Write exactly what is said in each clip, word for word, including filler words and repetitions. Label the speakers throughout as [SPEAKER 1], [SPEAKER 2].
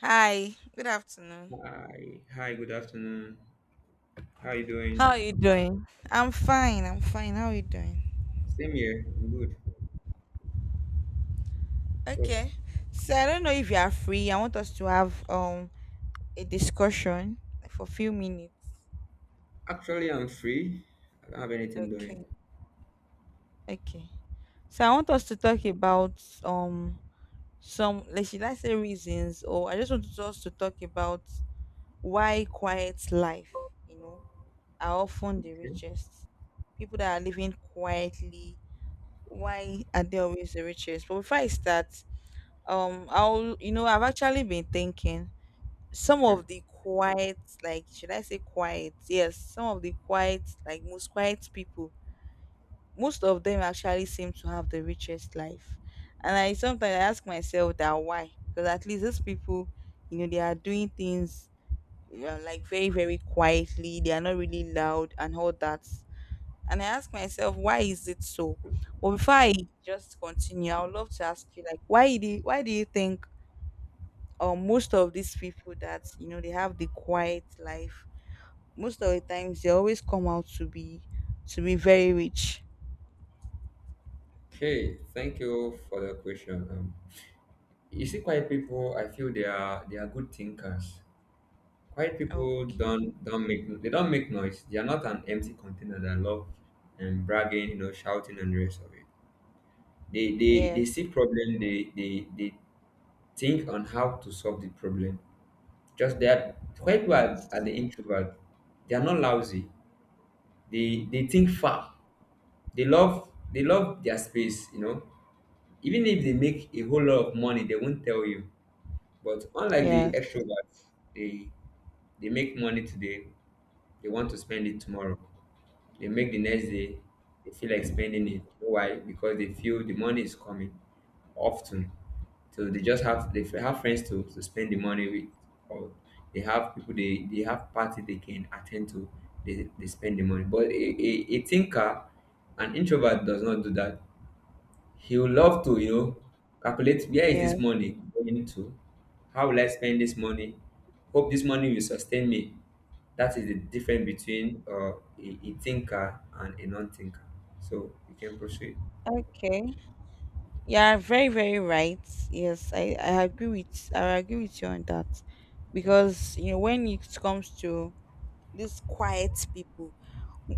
[SPEAKER 1] Hi, good afternoon.
[SPEAKER 2] Hi, hi, good afternoon. How you
[SPEAKER 1] How
[SPEAKER 2] doing?
[SPEAKER 1] are you doing? I'm fine, I'm fine. How are you doing?
[SPEAKER 2] Same here. I'm good. So
[SPEAKER 1] Okay. So I don't know if you are free. I want us to have um a discussion for a few minutes.
[SPEAKER 2] actually, I'm free. I don't have anything doing.
[SPEAKER 1] Okay. Okay. So I want us to talk about um some, like, should I say reasons, or I just want us to talk about why quiet life, you know, are often the
[SPEAKER 2] Okay,
[SPEAKER 1] richest. People that are living quietly, why are they always the richest? But before I start, um I'll you know I've actually been thinking some
[SPEAKER 2] okay,
[SPEAKER 1] of the quiet, like should I say quiet, yes, some of the quiet, like most quiet people, most of them actually seem to have the richest life. And I sometimes I ask myself that why, because at least these people, you know they are doing things, you know, like very very quietly, they are not really loud and all that. And I ask myself why is it so. But before I just continue, I would love to ask you, like, why do you, why do you think, or most of these people that you know they have the quiet life, most of the times they always come out to be to be very rich.
[SPEAKER 2] okay. Thank you for the question. Um, you see, quiet people. I feel they are they are good thinkers. Quiet people
[SPEAKER 1] Okay.
[SPEAKER 2] don't don't make they don't make noise. They are not an empty container that love and bragging, you know, shouting and the rest of it. They they they
[SPEAKER 1] Yes,
[SPEAKER 2] see problem. They they they think on how to solve the problem. Just they are quite, you are
[SPEAKER 1] yes,
[SPEAKER 2] the introvert, they are not lousy. They they think far. They love they love their space, you know. Even if they make a whole lot of money, they won't tell you. But unlike the
[SPEAKER 1] yes,
[SPEAKER 2] extroverts, they they make money today, they want to spend it tomorrow. They make the next day, they feel like spending it. You know why? Because they feel the money is coming often. So they just have they have friends to, to spend the money with, or they have people they, they have party they can attend to. They, they spend the money. But a, a, a thinker, an introvert does not do that. He would love to, you know, calculate where is
[SPEAKER 1] yes.
[SPEAKER 2] this money going to? How will I spend this money? Hope this money will sustain me. That is the difference between uh, a, a thinker and a non-thinker. So you can proceed.
[SPEAKER 1] Okay. You are very very right. Yes, i i agree with i agree with you on that. Because you know when it comes to these quiet people,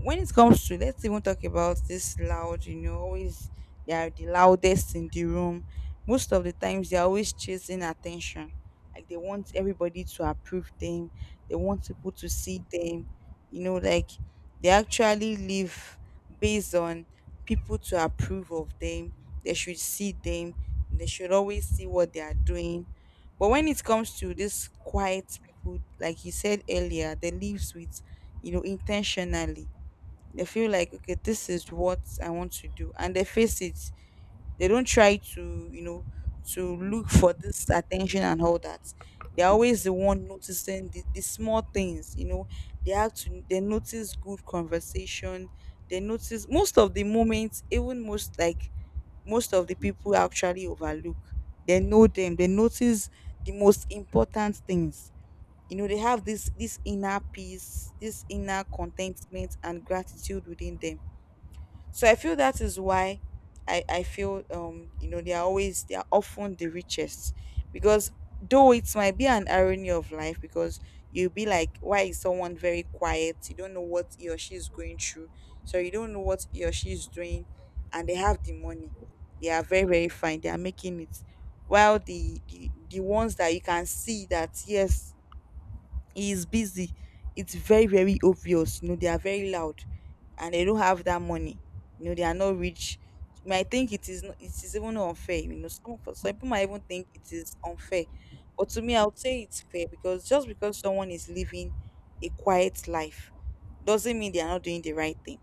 [SPEAKER 1] when it comes to, let's even talk about this loud, you know always they are the loudest in the room. Most of the times they're always chasing attention, like they want everybody to approve them, they want people to see them, you know like they actually live based on people to approve of them, they should see them, they should always see what they are doing. But when it comes to this quiet people, like you said earlier, they lives with, you know intentionally. They feel like, okay, this is what I want to do, and they face it. They don't try to, you know to look for this attention and all that. They're always the one noticing the, the small things you know they have to they notice good conversation. They notice most of the moments, even most like most of the people actually overlook. They know them, they notice the most important things. you know they have this this inner peace, this inner contentment and gratitude within them. So I feel that is why I, I feel, um you know they are always they are often the richest, because, though it might be an irony of life, because you'll be like, why is someone very quiet, you don't know what he or she is going through, so you don't know what he or she is doing, and they have the money, they are very very fine, they are making it. While the the, the ones that you can see that, yes, he is busy. It's very, very obvious. You know, they are very loud, and they don't have that money. You know, they are not rich. You might think it is not, it is even unfair. You know, some for some people might even think it is unfair. But to me, I would say it's fair, because just because someone is living a quiet life doesn't mean they are not doing the right thing.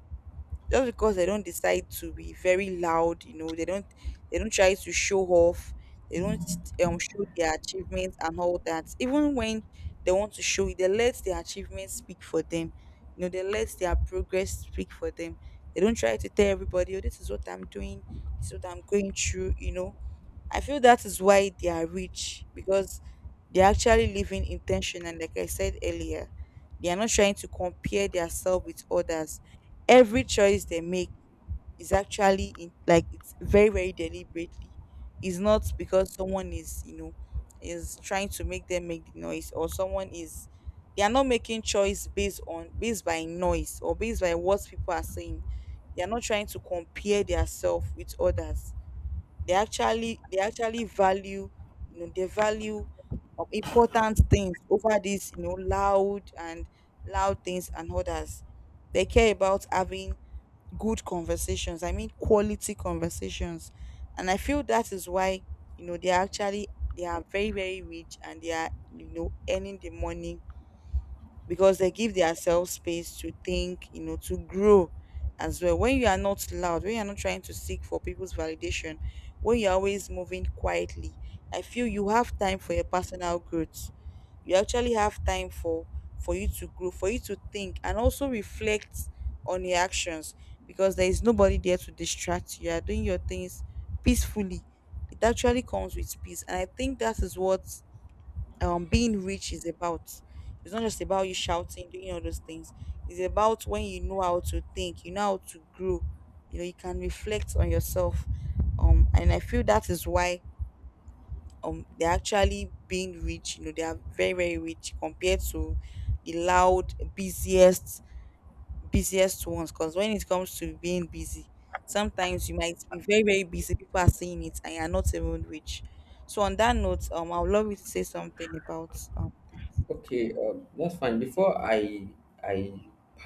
[SPEAKER 1] Just because they don't decide to be very loud, you know they don't they don't try to show off. They don't, um, show their achievements and all that. Even when they want to show it, they let their achievements speak for them. you know they let their progress speak for them. They don't try to tell everybody, oh, this is what I'm doing, this is what I'm going through you know I feel that is why they are rich, because they're actually living intentional. Like I said earlier, they are not trying to compare themselves with others. Every choice they make is actually in, like, it's very, very deliberately. It's not because someone is, you know, is trying to make them make the noise, or someone is they are not making choice based on, based by noise, or based by what people are saying. They are not trying to compare themselves with others. They actually, they actually value, you know, they value, um, important things over these, you know, loud and loud things and others. They care about having good conversations. I mean, quality conversations, and I feel that is why, you know they are actually they are very very rich, and they are, you know earning the money, because they give themselves space to think, you know, to grow as well. When you are not loud, when you are not trying to seek for people's validation, when you're always moving quietly, I feel you have time for your personal growth. You actually have time for for you to grow, for you to think, and also reflect on your actions, because there is nobody there to distract you. You are doing your things peacefully. It actually comes with peace. And I think that is what um being rich is about. It's not just about you shouting, doing all those things. It's about when you know how to think, you know how to grow. You know, you can reflect on yourself. Um, and I feel that is why um they're actually being rich. You know, they are very very rich compared to the loud, busiest, busiest ones. Because when it comes to being busy, sometimes you might be very very busy, people are seeing it, and you're not even rich. So on that note, um, I would love you to say something about um
[SPEAKER 2] Okay, um, that's fine. Before I, I,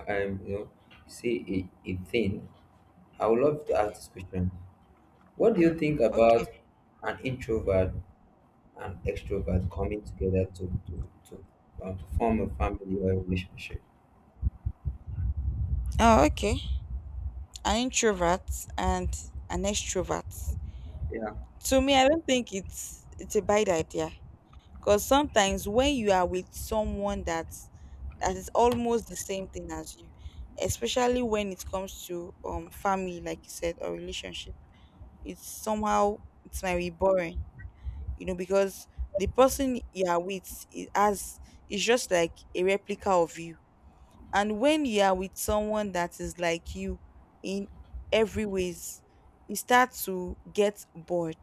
[SPEAKER 2] um, you know, say a, a thing, I would love to ask
[SPEAKER 1] Okay.
[SPEAKER 2] this question. What do you think
[SPEAKER 1] Okay.
[SPEAKER 2] about an introvert and extrovert coming together to to to, uh, to form a family or a relationship?
[SPEAKER 1] Oh, okay. An introvert and an extrovert.
[SPEAKER 2] Yeah.
[SPEAKER 1] To me, I don't think it's it's a bad idea, because sometimes when you are with someone that that is almost the same thing as you, especially when it comes to um family, like you said, or relationship, it's somehow, it might be boring, you know, because the person you are with is as is just like a replica of you. And when you are with someone that is like you in every ways, you start to get bored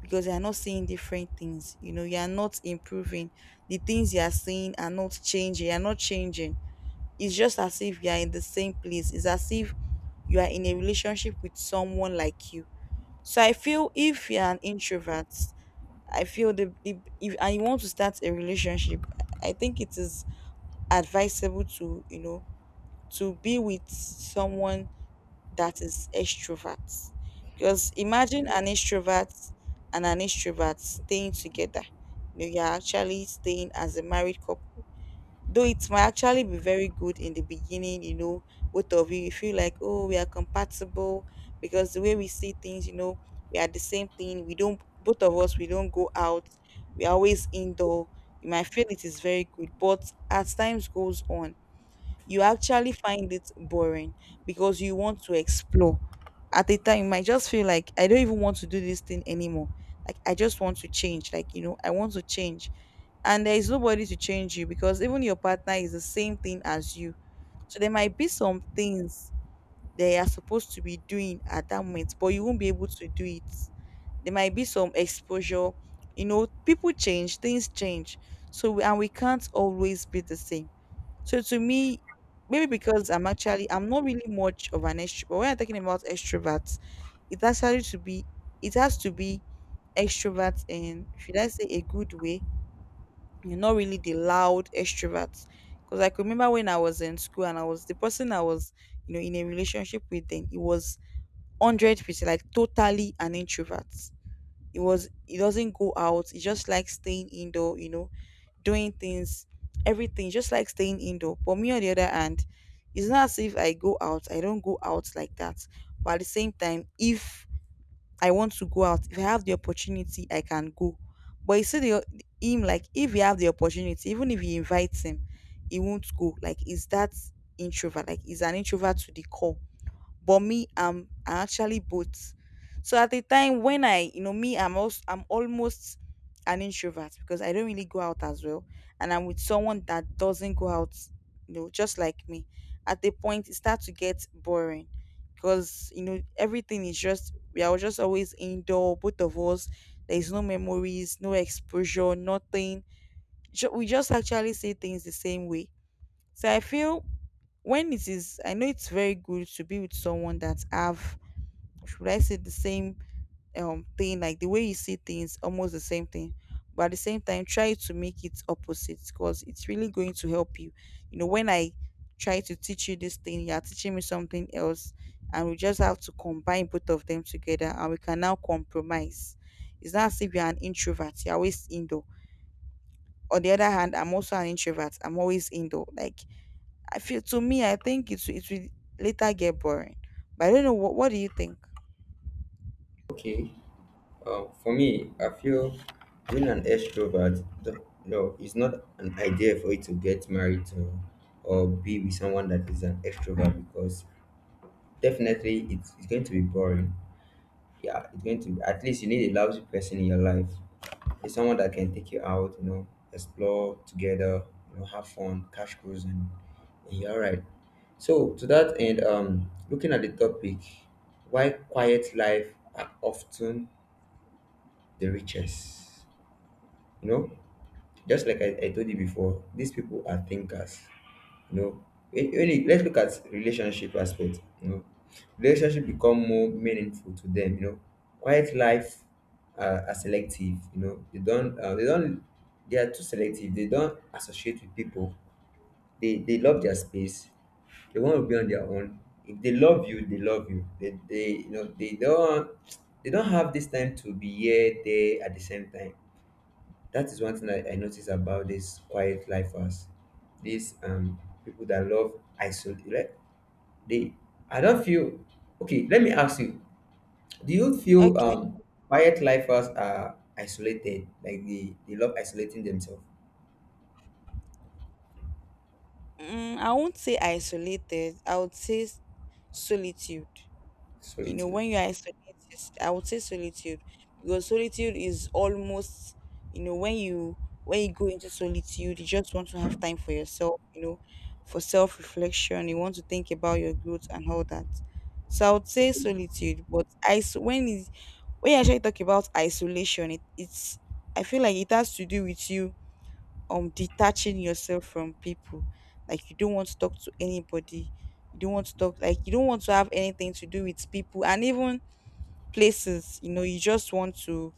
[SPEAKER 1] because you are not seeing different things. You know, you are not improving. The things you are seeing are not changing. You are not changing. It's just as if you are in the same place. It's as if you are in a relationship with someone like you. So I feel if you're an introvert, I feel the, the if and you want to start a relationship, I think it is advisable to, you know, to be with someone that is extrovert. Because imagine an extrovert and an extrovert staying together. You know, you're actually staying as a married couple. Though it might actually be very good in the beginning, you know, both of you, you feel like, oh, we are compatible, because the way we see things, you know, we are the same thing. We don't, both of us, we don't go out. We are always indoor. You might feel it is very good, but as times goes on, you actually find it boring because you want to explore. At a time, you might just feel like, I don't even want to do this thing anymore. Like, I just want to change. Like, you know, I want to change, and there is nobody to change you because even your partner is the same thing as you. So there might be some things they are supposed to be doing at that moment, but you won't be able to do it. There might be some exposure. You know, people change, things change. So we, and we can't always be the same. So to me, maybe because I'm actually, I'm not really much of an extrovert. But when I'm talking about extroverts, it actually to be it has to be extroverts in, should I say, a good way. You're not really the loud extroverts. Because I could remember when I was in school, and I was the person I was, you know, in a relationship with then, it was hundred percent, like totally an introvert. It was, he doesn't go out. He just likes staying indoor, you know, doing things, everything. Just like staying indoor. But me, on the other hand, it's not as if I go out, I don't go out like that. But at the same time, if I want to go out, if I have the opportunity, I can go. But you see the, him, like, if you have the opportunity, even if he invites him, he won't go. Like, is that introvert? Like is an introvert to the core but me i'm I actually both. So at the time when I you know me I'm also I'm almost an introvert because I don't really go out as well, and I'm with someone that doesn't go out, you know, just like me. At the point it starts to get boring because, you know, everything is just, we are just always indoor, both of us. There is no memories, no exposure, nothing. Ju- we just actually say things the same way. So I feel when it is, I know it's very good to be with someone that have, should I say, the same um thing, like the way you see things, almost the same thing. But at the same time, try to make it opposite because it's really going to help you. You know, when I try to teach you this thing, you are teaching me something else, and we just have to combine both of them together, and we can now compromise. It's not as if you're an introvert, you're always indoor. On the other hand, I'm also an introvert. I'm always indoor. Like I feel to me, I think it will- it will later get boring. But I don't know what what do you think?
[SPEAKER 2] Okay. Uh, for me, I feel being an extrovert, the, no, it's not an idea for you to get married to or be with someone that is an extrovert, because definitely it's, it's going to be boring. Yeah, it's going to be, at least you need a lousy person in your life. It's someone that can take you out, you know, explore together, you know, have fun, catch cruise, and, and you're all right. So, to that end, um, looking at the topic, why quiet life are often the richest? You know, just like I, I told you before, these people are thinkers. You know when when you let's look at relationship aspect, you know relationship become more meaningful to them. You know quiet life are, are selective. you know they don't uh, they don't, they are too selective, they don't associate with people. They they love their space, they want to be on their own. If they love you, they love you, they, they you know they don't they don't have this time to be here there at the same time. That is one thing I, I notice about this quiet lifers. These um people that love isolate, like, they I don't feel, okay, let me ask you, do you feel
[SPEAKER 1] Okay.
[SPEAKER 2] um quiet lifers are isolated? Like they, they love isolating themselves.
[SPEAKER 1] Mm, I won't say isolated. I would say s- solitude. You know,
[SPEAKER 2] Solitude.
[SPEAKER 1] when you are isolated, I would say solitude because solitude is almost, you know, when you when you go into solitude, you just want to have time for yourself. You know, for self reflection, you want to think about your growth and all that. So I would say
[SPEAKER 2] Okay.
[SPEAKER 1] solitude, but is when is when you actually talk about isolation, it, it's, I feel like it has to do with you um detaching yourself from people. Like you don't want to talk to anybody. You don't want to talk, like you don't want to have anything to do with people and even places, you know, you just want to,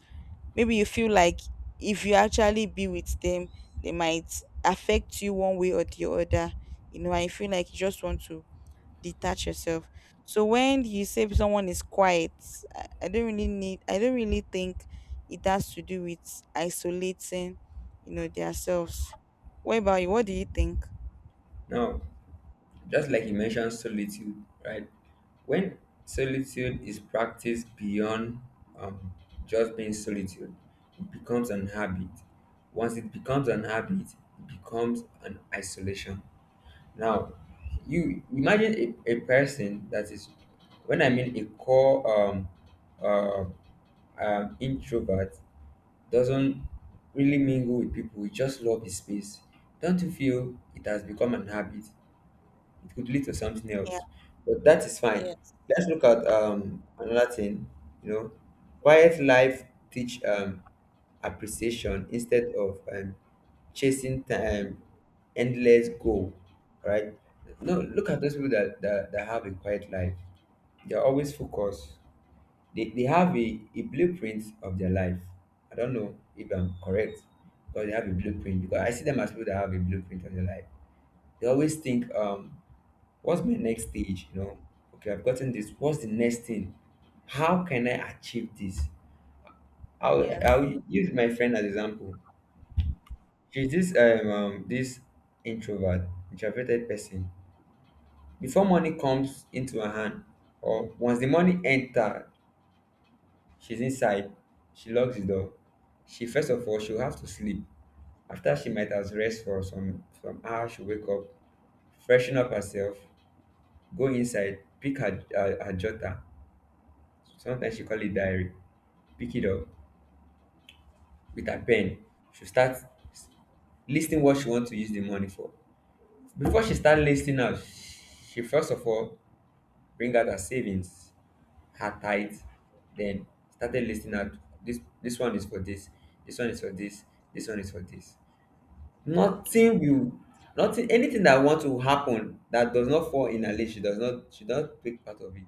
[SPEAKER 1] maybe you feel like if you actually be with them, they might affect you one way or the other. You know, I feel like you just want to detach yourself. So when you say someone is quiet, I I don't really need. I don't really think it has to do with isolating, you know, themselves. What about you? What do you think?
[SPEAKER 2] Now, just like you mentioned solitude, right? When solitude is practiced beyond, um, just being solitude, it becomes an habit. Once it becomes an habit, it becomes an isolation. Now, you imagine a, a person that is, when I mean a core um, uh, um, introvert, doesn't really mingle with people. He just love his space. Don't you feel it has become an habit? It could lead to something
[SPEAKER 1] Yeah.
[SPEAKER 2] else. But that is fine.
[SPEAKER 1] Yes.
[SPEAKER 2] Let's look at um another thing, you know. Quiet life teach um appreciation instead of um chasing time, endless goal. Right? No, look at those people that, that, that have a quiet life. They're always focused. They, they have a, a blueprint of their life. I don't know if I'm correct, but they have a blueprint, because I see them as people that have a blueprint of their life. They always think, um what's my next stage? You know, okay, I've gotten this. What's the next thing? How can I achieve this? I'll,
[SPEAKER 1] Yes.
[SPEAKER 2] I'll use my friend as example. She's this um, um this introvert, introverted person. Before money comes into her hand, or once the money enter, she's inside. She locks the door. She First of all, she'll have to sleep. After she might as rest for some some hours, she'll wake up, freshen up herself, go inside, pick her her, her jotter. Sometimes she call it diary. Pick it up with her pen, she start listing what she want to use the money for. Before she start listing out, she first of all bring out her savings, her tithe, then started listing out, this this one is for this, this one is for this, this one is for this.
[SPEAKER 1] Okay.
[SPEAKER 2] Nothing will, nothing, anything that want to happen that does not fall in her list, she does not she does not take part of it,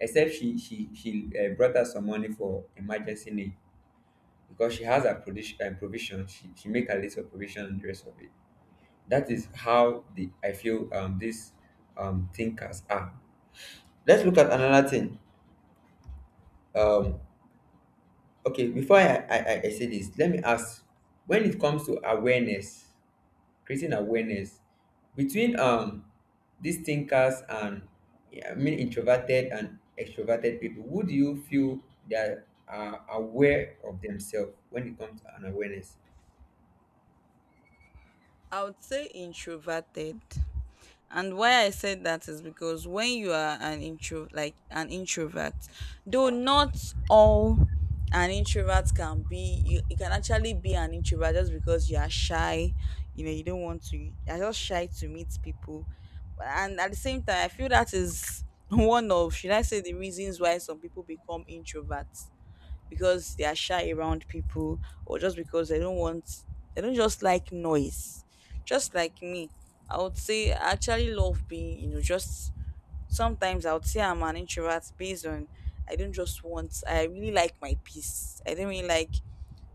[SPEAKER 2] except she she she uh, brought out some money for emergency need, because she has her provision, her provision she, she make a little provision and the rest of it. That is how the I feel um these um thinkers are. Let's look at another thing um okay, before i i, I I say this, let me ask, when it comes to awareness, creating awareness between um these thinkers and, I mean, introverted and extroverted people, who do you feel that are aware of themselves when it comes to an awareness?
[SPEAKER 1] I would say introverted. And why I said that is because when you are an intro like an introvert, though not all an introvert, can be you, you can actually be an introvert just because you are shy, you know, you don't want to, you're just shy to meet people. And at the same time, I feel that is one of, should I say, the reasons why some people become introverts, because they are shy around people or just because they don't want, they don't just like noise, just like me. I would say I actually love being, you know, just sometimes I would say I'm an introvert based on, I don't just want, I really like my peace. I don't really like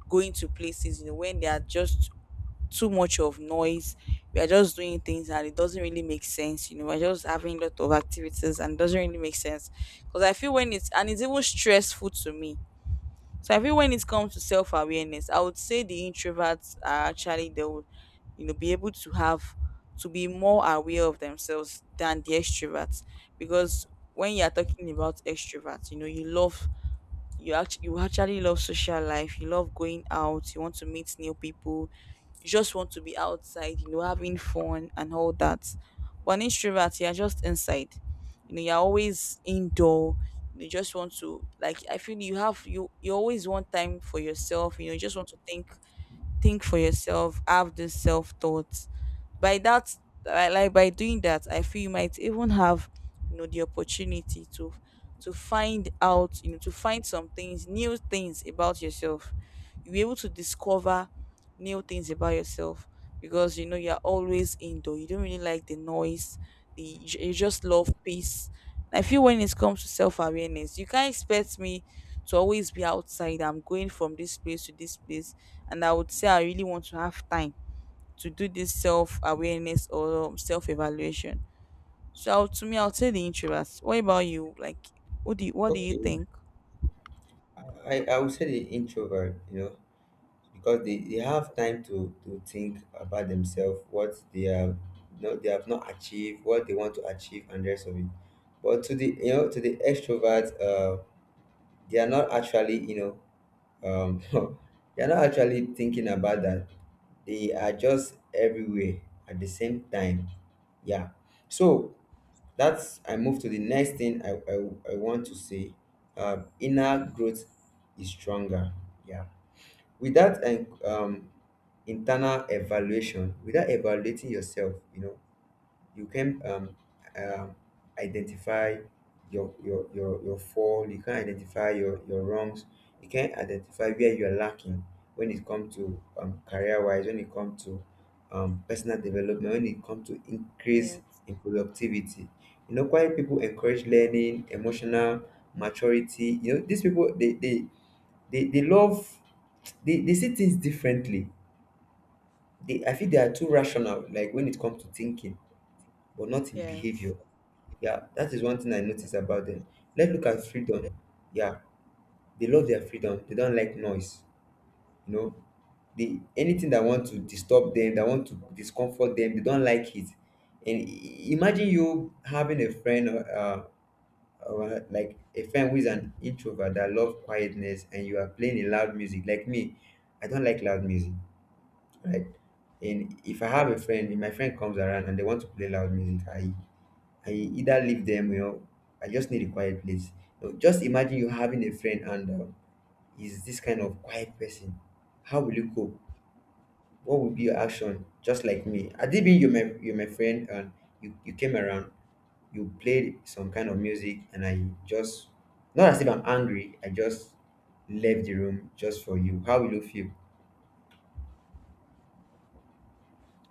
[SPEAKER 1] going to places, you know, when there are just too much of noise, we are just doing things and it doesn't really make sense, you know, we're just having a lot of activities and it doesn't really make sense because I feel when it's, and it's even stressful to me. So I feel when it comes to self awareness, I would say the introverts are actually, they would, you know, be able to have, to be more aware of themselves than the extroverts, because when you are talking about extroverts, you know, you love, you act you actually love social life, you love going out, you want to meet new people, you just want to be outside, you know, having fun and all that. But an introvert, you're just inside, you know, you're always indoor, you just want to, like I feel you have, you you always want time for yourself, you know, you just want to think think for yourself, have this self thoughts. By that, I like by doing that, I feel you might even have, you know, the opportunity to to find out, you know, to find some things, new things about yourself. You'll be able to discover new things about yourself because, you know, you're always indoor, you don't really like the noise, the, you ju- you just love peace. I feel when it comes to self-awareness, you can't expect me to always be outside, I'm going from this place to this place, and I would say I really want to have time to do this self awareness or self evaluation. So I'll- to me, I'll say the introverts. What about you? Like, what do you, what do you
[SPEAKER 2] Okay,
[SPEAKER 1] think?
[SPEAKER 2] I, I would say the introvert, you know, because they, they have time to, to think about themselves, what they have not they have not achieved, what they want to achieve, and the rest of it. But to the you know to the extrovert, uh, they are not actually you know um, they are not actually thinking about that. They are just everywhere at the same time. Yeah. So that's I move to the next thing I I, I want to say. Uh, inner growth is stronger. Yeah, without an, um, internal evaluation, without evaluating yourself, you know you can, um, um, identify your, your your your fall, you can identify your your wrongs, you can identify where you're lacking, when it comes to um, career wise, when it comes to um, personal development, when it comes to increase
[SPEAKER 1] Yes,
[SPEAKER 2] in productivity. You know quite people encourage learning emotional maturity. you know these people they they they they love, they, they see things differently. They I feel they are too rational, like when it comes to thinking, but not in
[SPEAKER 1] yes.
[SPEAKER 2] behavior. Yeah, that is one thing I notice about them. Let's look at freedom. Yeah, they love their freedom. They don't like noise. You know, they anything that want to disturb them, that want to discomfort them, they don't like it. And i- imagine you having a friend, or, uh, or like a friend who is an introvert that love quietness, and you are playing a loud music. Like me, I don't like loud music, right? And if I have a friend, if my friend comes around and they want to play loud music, I I either leave them, you know, I just need a quiet place. You know, just imagine you having a friend and um, he's this kind of quiet person. How will you cope? What would be your action? Just like me, I did being you my you my friend and you you came around, you played some kind of music, and I just, not as if I'm angry, I just left the room just for you. How will you feel?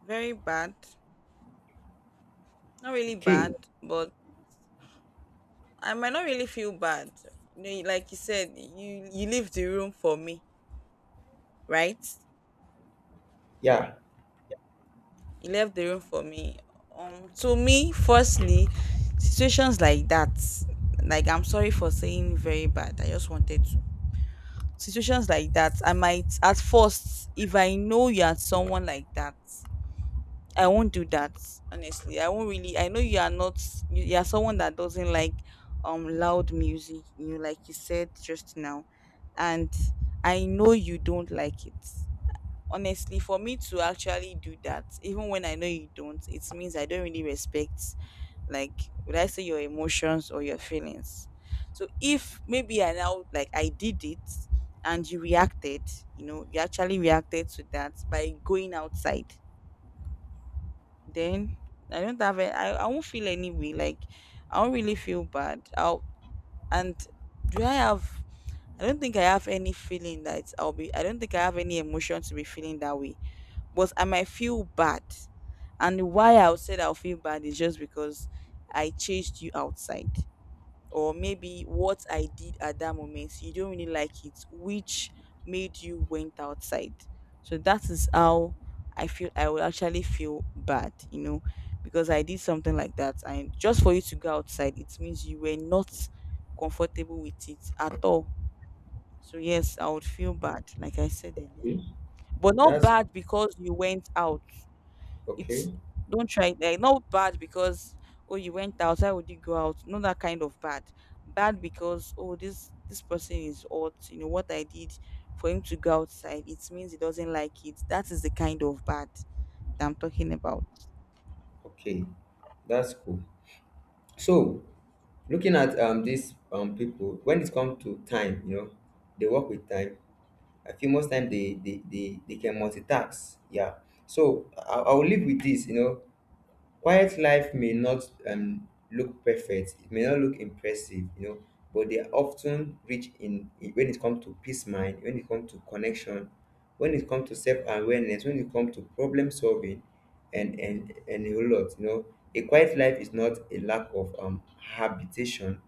[SPEAKER 1] Very bad. Not really
[SPEAKER 2] Okay,
[SPEAKER 1] bad, but I might not really feel bad. You know, like you said, you you leave the room for me, right?
[SPEAKER 2] yeah,
[SPEAKER 1] You left the room for me. Um, to me, firstly, situations like that, like I'm sorry for saying very bad. I just wanted to situations like that, I might at first, if I know you're someone like that, I won't do that. Honestly, I won't really I know you are not, you, you are someone that doesn't like um loud music, you know, like you said just now. And I know you don't like it. Honestly, for me to actually do that, even when I know you don't, it means I don't really respect, like, would I say, your emotions or your feelings. So if maybe I now, like I did it and you reacted, you know, you actually reacted to that by going outside, then I don't have a, I, I won't feel any way, like I won't really feel bad, I'll and do I have I don't think I have any feeling that I'll be, I don't think I have any emotion to be feeling that way. But I might feel bad. And why I would say that I'll feel bad is just because I chased you outside. Or maybe what I did at that moment, you don't really like it, which made you went outside. So that is how I feel I will actually feel bad, you know, because I did something like that. And just for you to go outside, it means you were not comfortable with it at all. So yes, I would feel bad, like I said earlier. But not
[SPEAKER 2] that's
[SPEAKER 1] bad because you went out, it's
[SPEAKER 2] okay.
[SPEAKER 1] don't try, like not bad because, oh, you went out, why would you go out? Not that kind of bad. Bad because, oh, this this person is hot, you know what I did for him to go outside, it means he doesn't like it. That is the kind of bad that I'm talking about.
[SPEAKER 2] Okay, that's cool. So, looking at um these um people, when it comes to time, you know, they work with time. I feel most time they they they, they can multitask. Yeah. So I, I will live with this, you know. Quiet life may not, um, look perfect, it may not look impressive, you know, but they are often rich in, in when it comes to peace mind, when it comes to connection, when it comes to self-awareness, when it comes to problem solving and and and a whole lot, you know. A quiet life is not a lack of um habitation.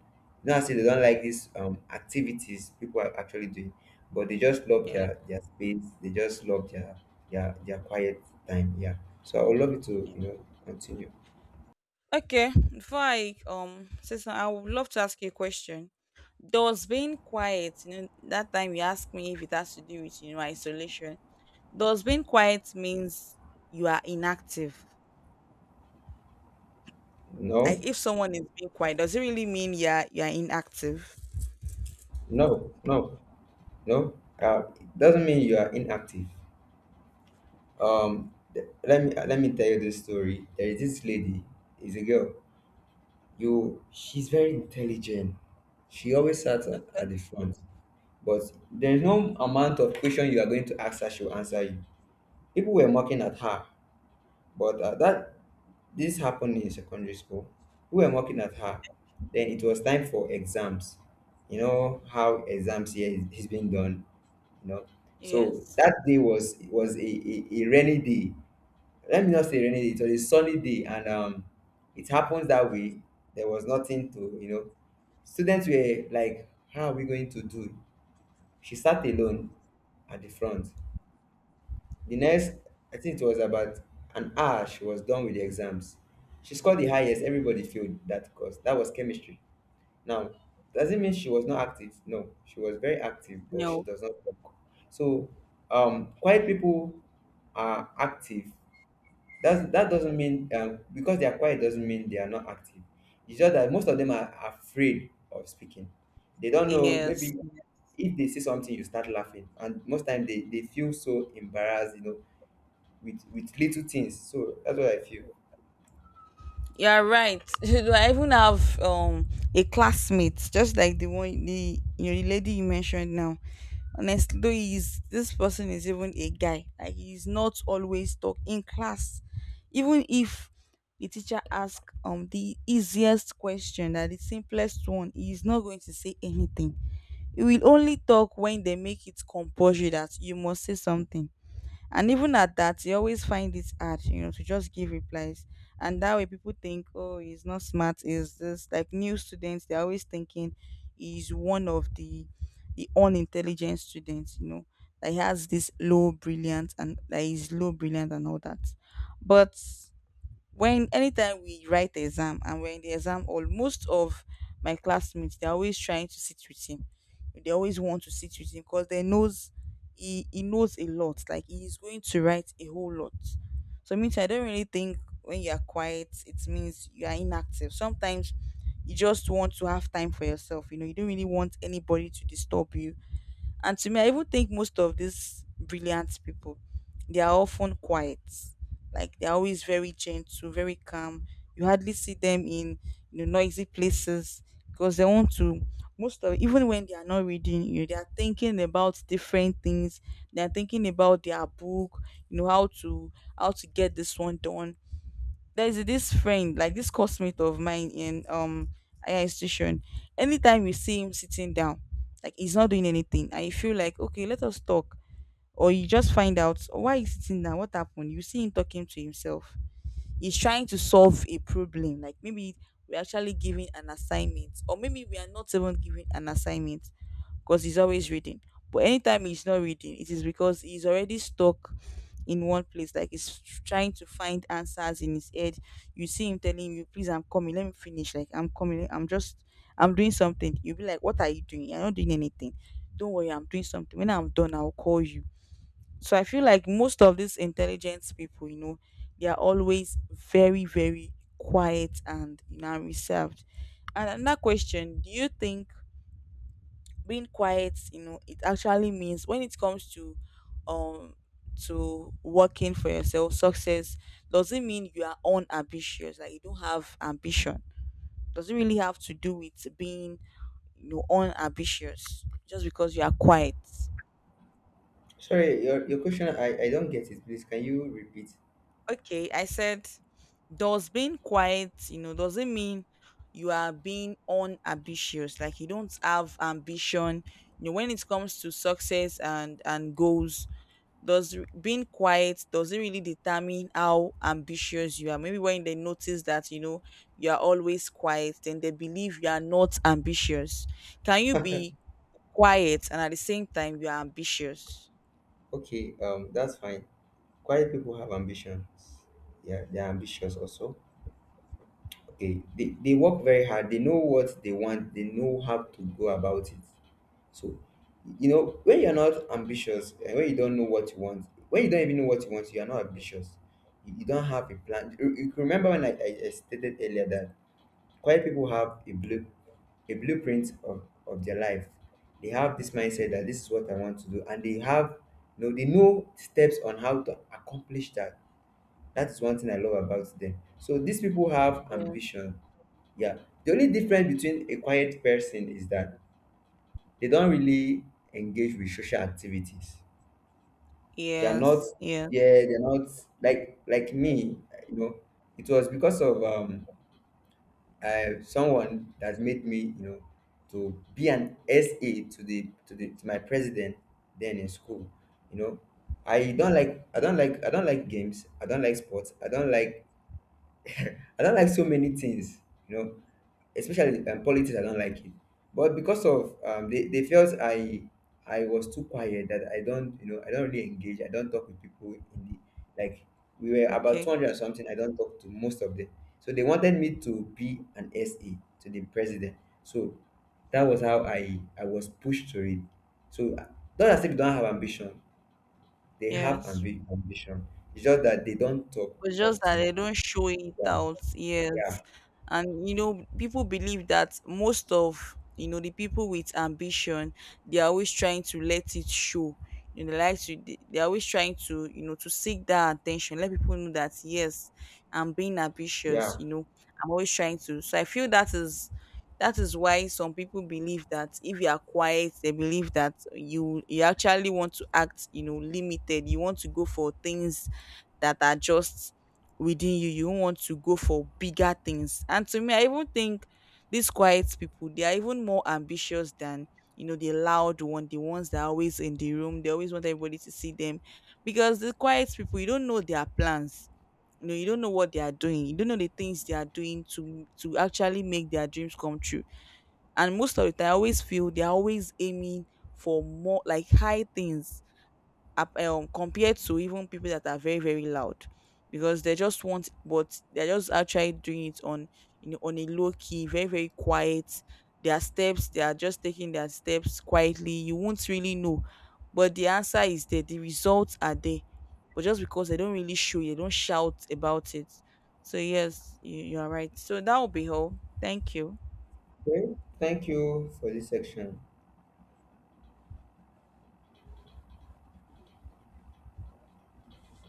[SPEAKER 2] Not I say they don't like these um activities people are actually doing, but they just love
[SPEAKER 1] Yeah.
[SPEAKER 2] their their space, they just love their yeah, their quiet time. Yeah. So I would love you to,
[SPEAKER 1] Yeah.
[SPEAKER 2] you know, continue.
[SPEAKER 1] Okay. Before I um say something, I would love to ask you a question. Does being quiet, you know, that time you asked me if it has to do with, you know, isolation. Does being quiet means you are inactive? Like
[SPEAKER 2] No,
[SPEAKER 1] if someone is being quiet, does it really mean you're you're inactive?
[SPEAKER 2] no, no, no. Uh, it doesn't mean you are inactive. Um, th- let me let me tell you this story. There is this lady. Is a girl. You, she's very intelligent. She always sat at,
[SPEAKER 1] Okay.
[SPEAKER 2] at the front, but there is no amount of question you are going to ask her, she will answer you. People were mocking at her. But uh, that this happened in secondary school. We were mocking at her. Then it was time for exams. You know how exams here is, is being done. You know, so
[SPEAKER 1] Yes.
[SPEAKER 2] that day was was a, a, a rainy day. Let me not say rainy day. It was a sunny day, and um, it happens that way. There was nothing to you know. Students were like, "How are we going to do?" She sat alone at the front. The next, I think it was about an hour, she was done with the exams. She scored the highest. Everybody failed that course. That was chemistry. Now, does it mean she was not active? No, she was very active, but she
[SPEAKER 1] No.
[SPEAKER 2] does not talk. So, um, quiet people are active. That's, that doesn't mean, um, because they are quiet doesn't mean they are not active. It's just that most of them are afraid of speaking. They don't know.
[SPEAKER 1] Yes.
[SPEAKER 2] Maybe if they see something, you start laughing, and most time they, they feel so embarrassed. You know, with with little things, so that's what I feel.
[SPEAKER 1] You're right. Do I even have um a classmate just like the one, the, you know, the lady you mentioned now? Honestly, though he's this person is even a guy. Like he's not always talk in class. Even if the teacher asks um the easiest question, that the simplest one, he's not going to say anything. You will only talk when they make it compulsory that you must say something. And even at that, you always find it hard, you know, to just give replies. And that way people think, oh, he's not smart, is this like new students, they're always thinking he's one of the the unintelligent students, you know. That he has this low brilliant and that he's low brilliant and all that. But when anytime we write the exam and we're in the exam hall, most of my classmates, they're always trying to sit with him, they always want to sit with him because they knows he, he knows a lot, like he's going to write a whole lot. So means I don't really think when you're quiet it means you are inactive. Sometimes you just want to have time for yourself, you know, you don't really want anybody to disturb you. And to me, I even think most of these brilliant people, they are often quiet. Like they're always very gentle, very calm. You hardly see them in, you know, noisy places, because they want to, most of, even when they are not reading, you know, they are thinking about different things. They are thinking about their book, you know, how to, how to get this one done. There's this friend, like this classmate of mine in um higher institution. Anytime you see him sitting down, like he's not doing anything, and you feel like, okay, let us talk, or you just find out why he's sitting down, what happened. You see him talking to himself, is trying to solve a problem. Like maybe we're actually giving an assignment, or maybe we are not even giving an assignment because he's always reading. But anytime he's not reading, it is because he's already stuck in one place. Like he's trying to find answers in his head. You see him telling you, please, I'm coming, let me finish. Like, I'm coming, I'm just, I'm doing something. You'll be like, what are you doing? You're not doing anything. Don't worry, I'm doing something. When I'm done, I'll call you. So I feel like most of these intelligent people, you know, they are always very, very quiet and, you know, reserved. And another question, do you think being quiet, you know, it actually means when it comes to um to working for yourself, success, does it mean you are unambitious, like you don't have ambition? Does it really have to do with being, you know, unambitious just because you are quiet?
[SPEAKER 2] Sorry, your, your question, i i don't get it, please can you repeat?
[SPEAKER 1] Okay, I said, does being quiet, you know, doesn't mean you are being unambitious. Like you don't have ambition. You know, when it comes to success and and goals, does r- being quiet doesn't really determine how ambitious you are. Maybe when they notice that, you know, you are always quiet, then they believe you are not ambitious. Can you be quiet and at the same time you are ambitious?
[SPEAKER 2] Okay, um that's fine. Quiet people have ambitions. Yeah, they're ambitious also. Okay, they, they work very hard, they know what they want, they know how to go about it. So you know when you're not ambitious, and when you don't know what you want, when you don't even know what you want, you're not ambitious. You, you don't have a plan. You, you remember when I, I I stated earlier that quiet people have a blue a blueprint of, of their life. They have this mindset that this is what I want to do, and they have you know, they know steps on how to accomplish that. That is one thing I love about them. So these people have
[SPEAKER 1] Yes.
[SPEAKER 2] ambition. Yeah. The only difference between a quiet person is that they don't really engage with social activities. They are not
[SPEAKER 1] Yes. Yes.
[SPEAKER 2] yeah, they're not like like me, you know. It was because of um uh, someone that made me, you know, to be an S A to the to the to my president then in school. You know, I don't like I don't like I don't like games. I don't like sports. I don't like I don't like so many things. You know, especially um, politics, I don't like it. But because of, um, they, they felt i i was too quiet, that i don't you know i don't really engage, I don't talk with people in the, like, we were about
[SPEAKER 1] Okay.
[SPEAKER 2] two hundred or something, I don't talk to most of them. So they wanted me to be an SA to the president. So that was how i i was pushed to it. So uh, not as if they don't have ambition, they have
[SPEAKER 1] Yes.
[SPEAKER 2] ambi- ambition. It's just that they don't talk
[SPEAKER 1] It's just that
[SPEAKER 2] often.
[SPEAKER 1] they don't show it
[SPEAKER 2] Yeah,
[SPEAKER 1] out.
[SPEAKER 2] yeah,
[SPEAKER 1] Yes. And you know, people believe that most of, you know, the people with ambition, they are always trying to let it show. You know, they like to, they they are always trying to, you know, to seek that attention. Let people know that, yes, I'm being ambitious,
[SPEAKER 2] yeah.
[SPEAKER 1] you know. I'm always trying to. So I feel that is, that is why some people believe that if you are quiet, they believe that you you actually want to act, you know, limited. You want to go for things that are just within you. You want to go for bigger things. And to me, I even think these quiet people, they are even more ambitious than, you know, the loud one, the ones that are always in the room. They always want everybody to see them. Because the quiet people, you don't know their plans. You know, you don't know what they are doing. You don't know the things they are doing to to actually make their dreams come true. And most of the time, I always feel they are always aiming for more, like high things ap- um, compared to even people that are very, very loud, because they just want, but they're just actually doing it on, you know, on a low key, very, very quiet. Their steps, they are just taking their steps quietly, you won't really know, but the answer is there, the results are there, but just because they don't really show you, they don't shout about it. So yes, you, you are right. So that will be all, thank you.
[SPEAKER 2] Okay, thank you for this section.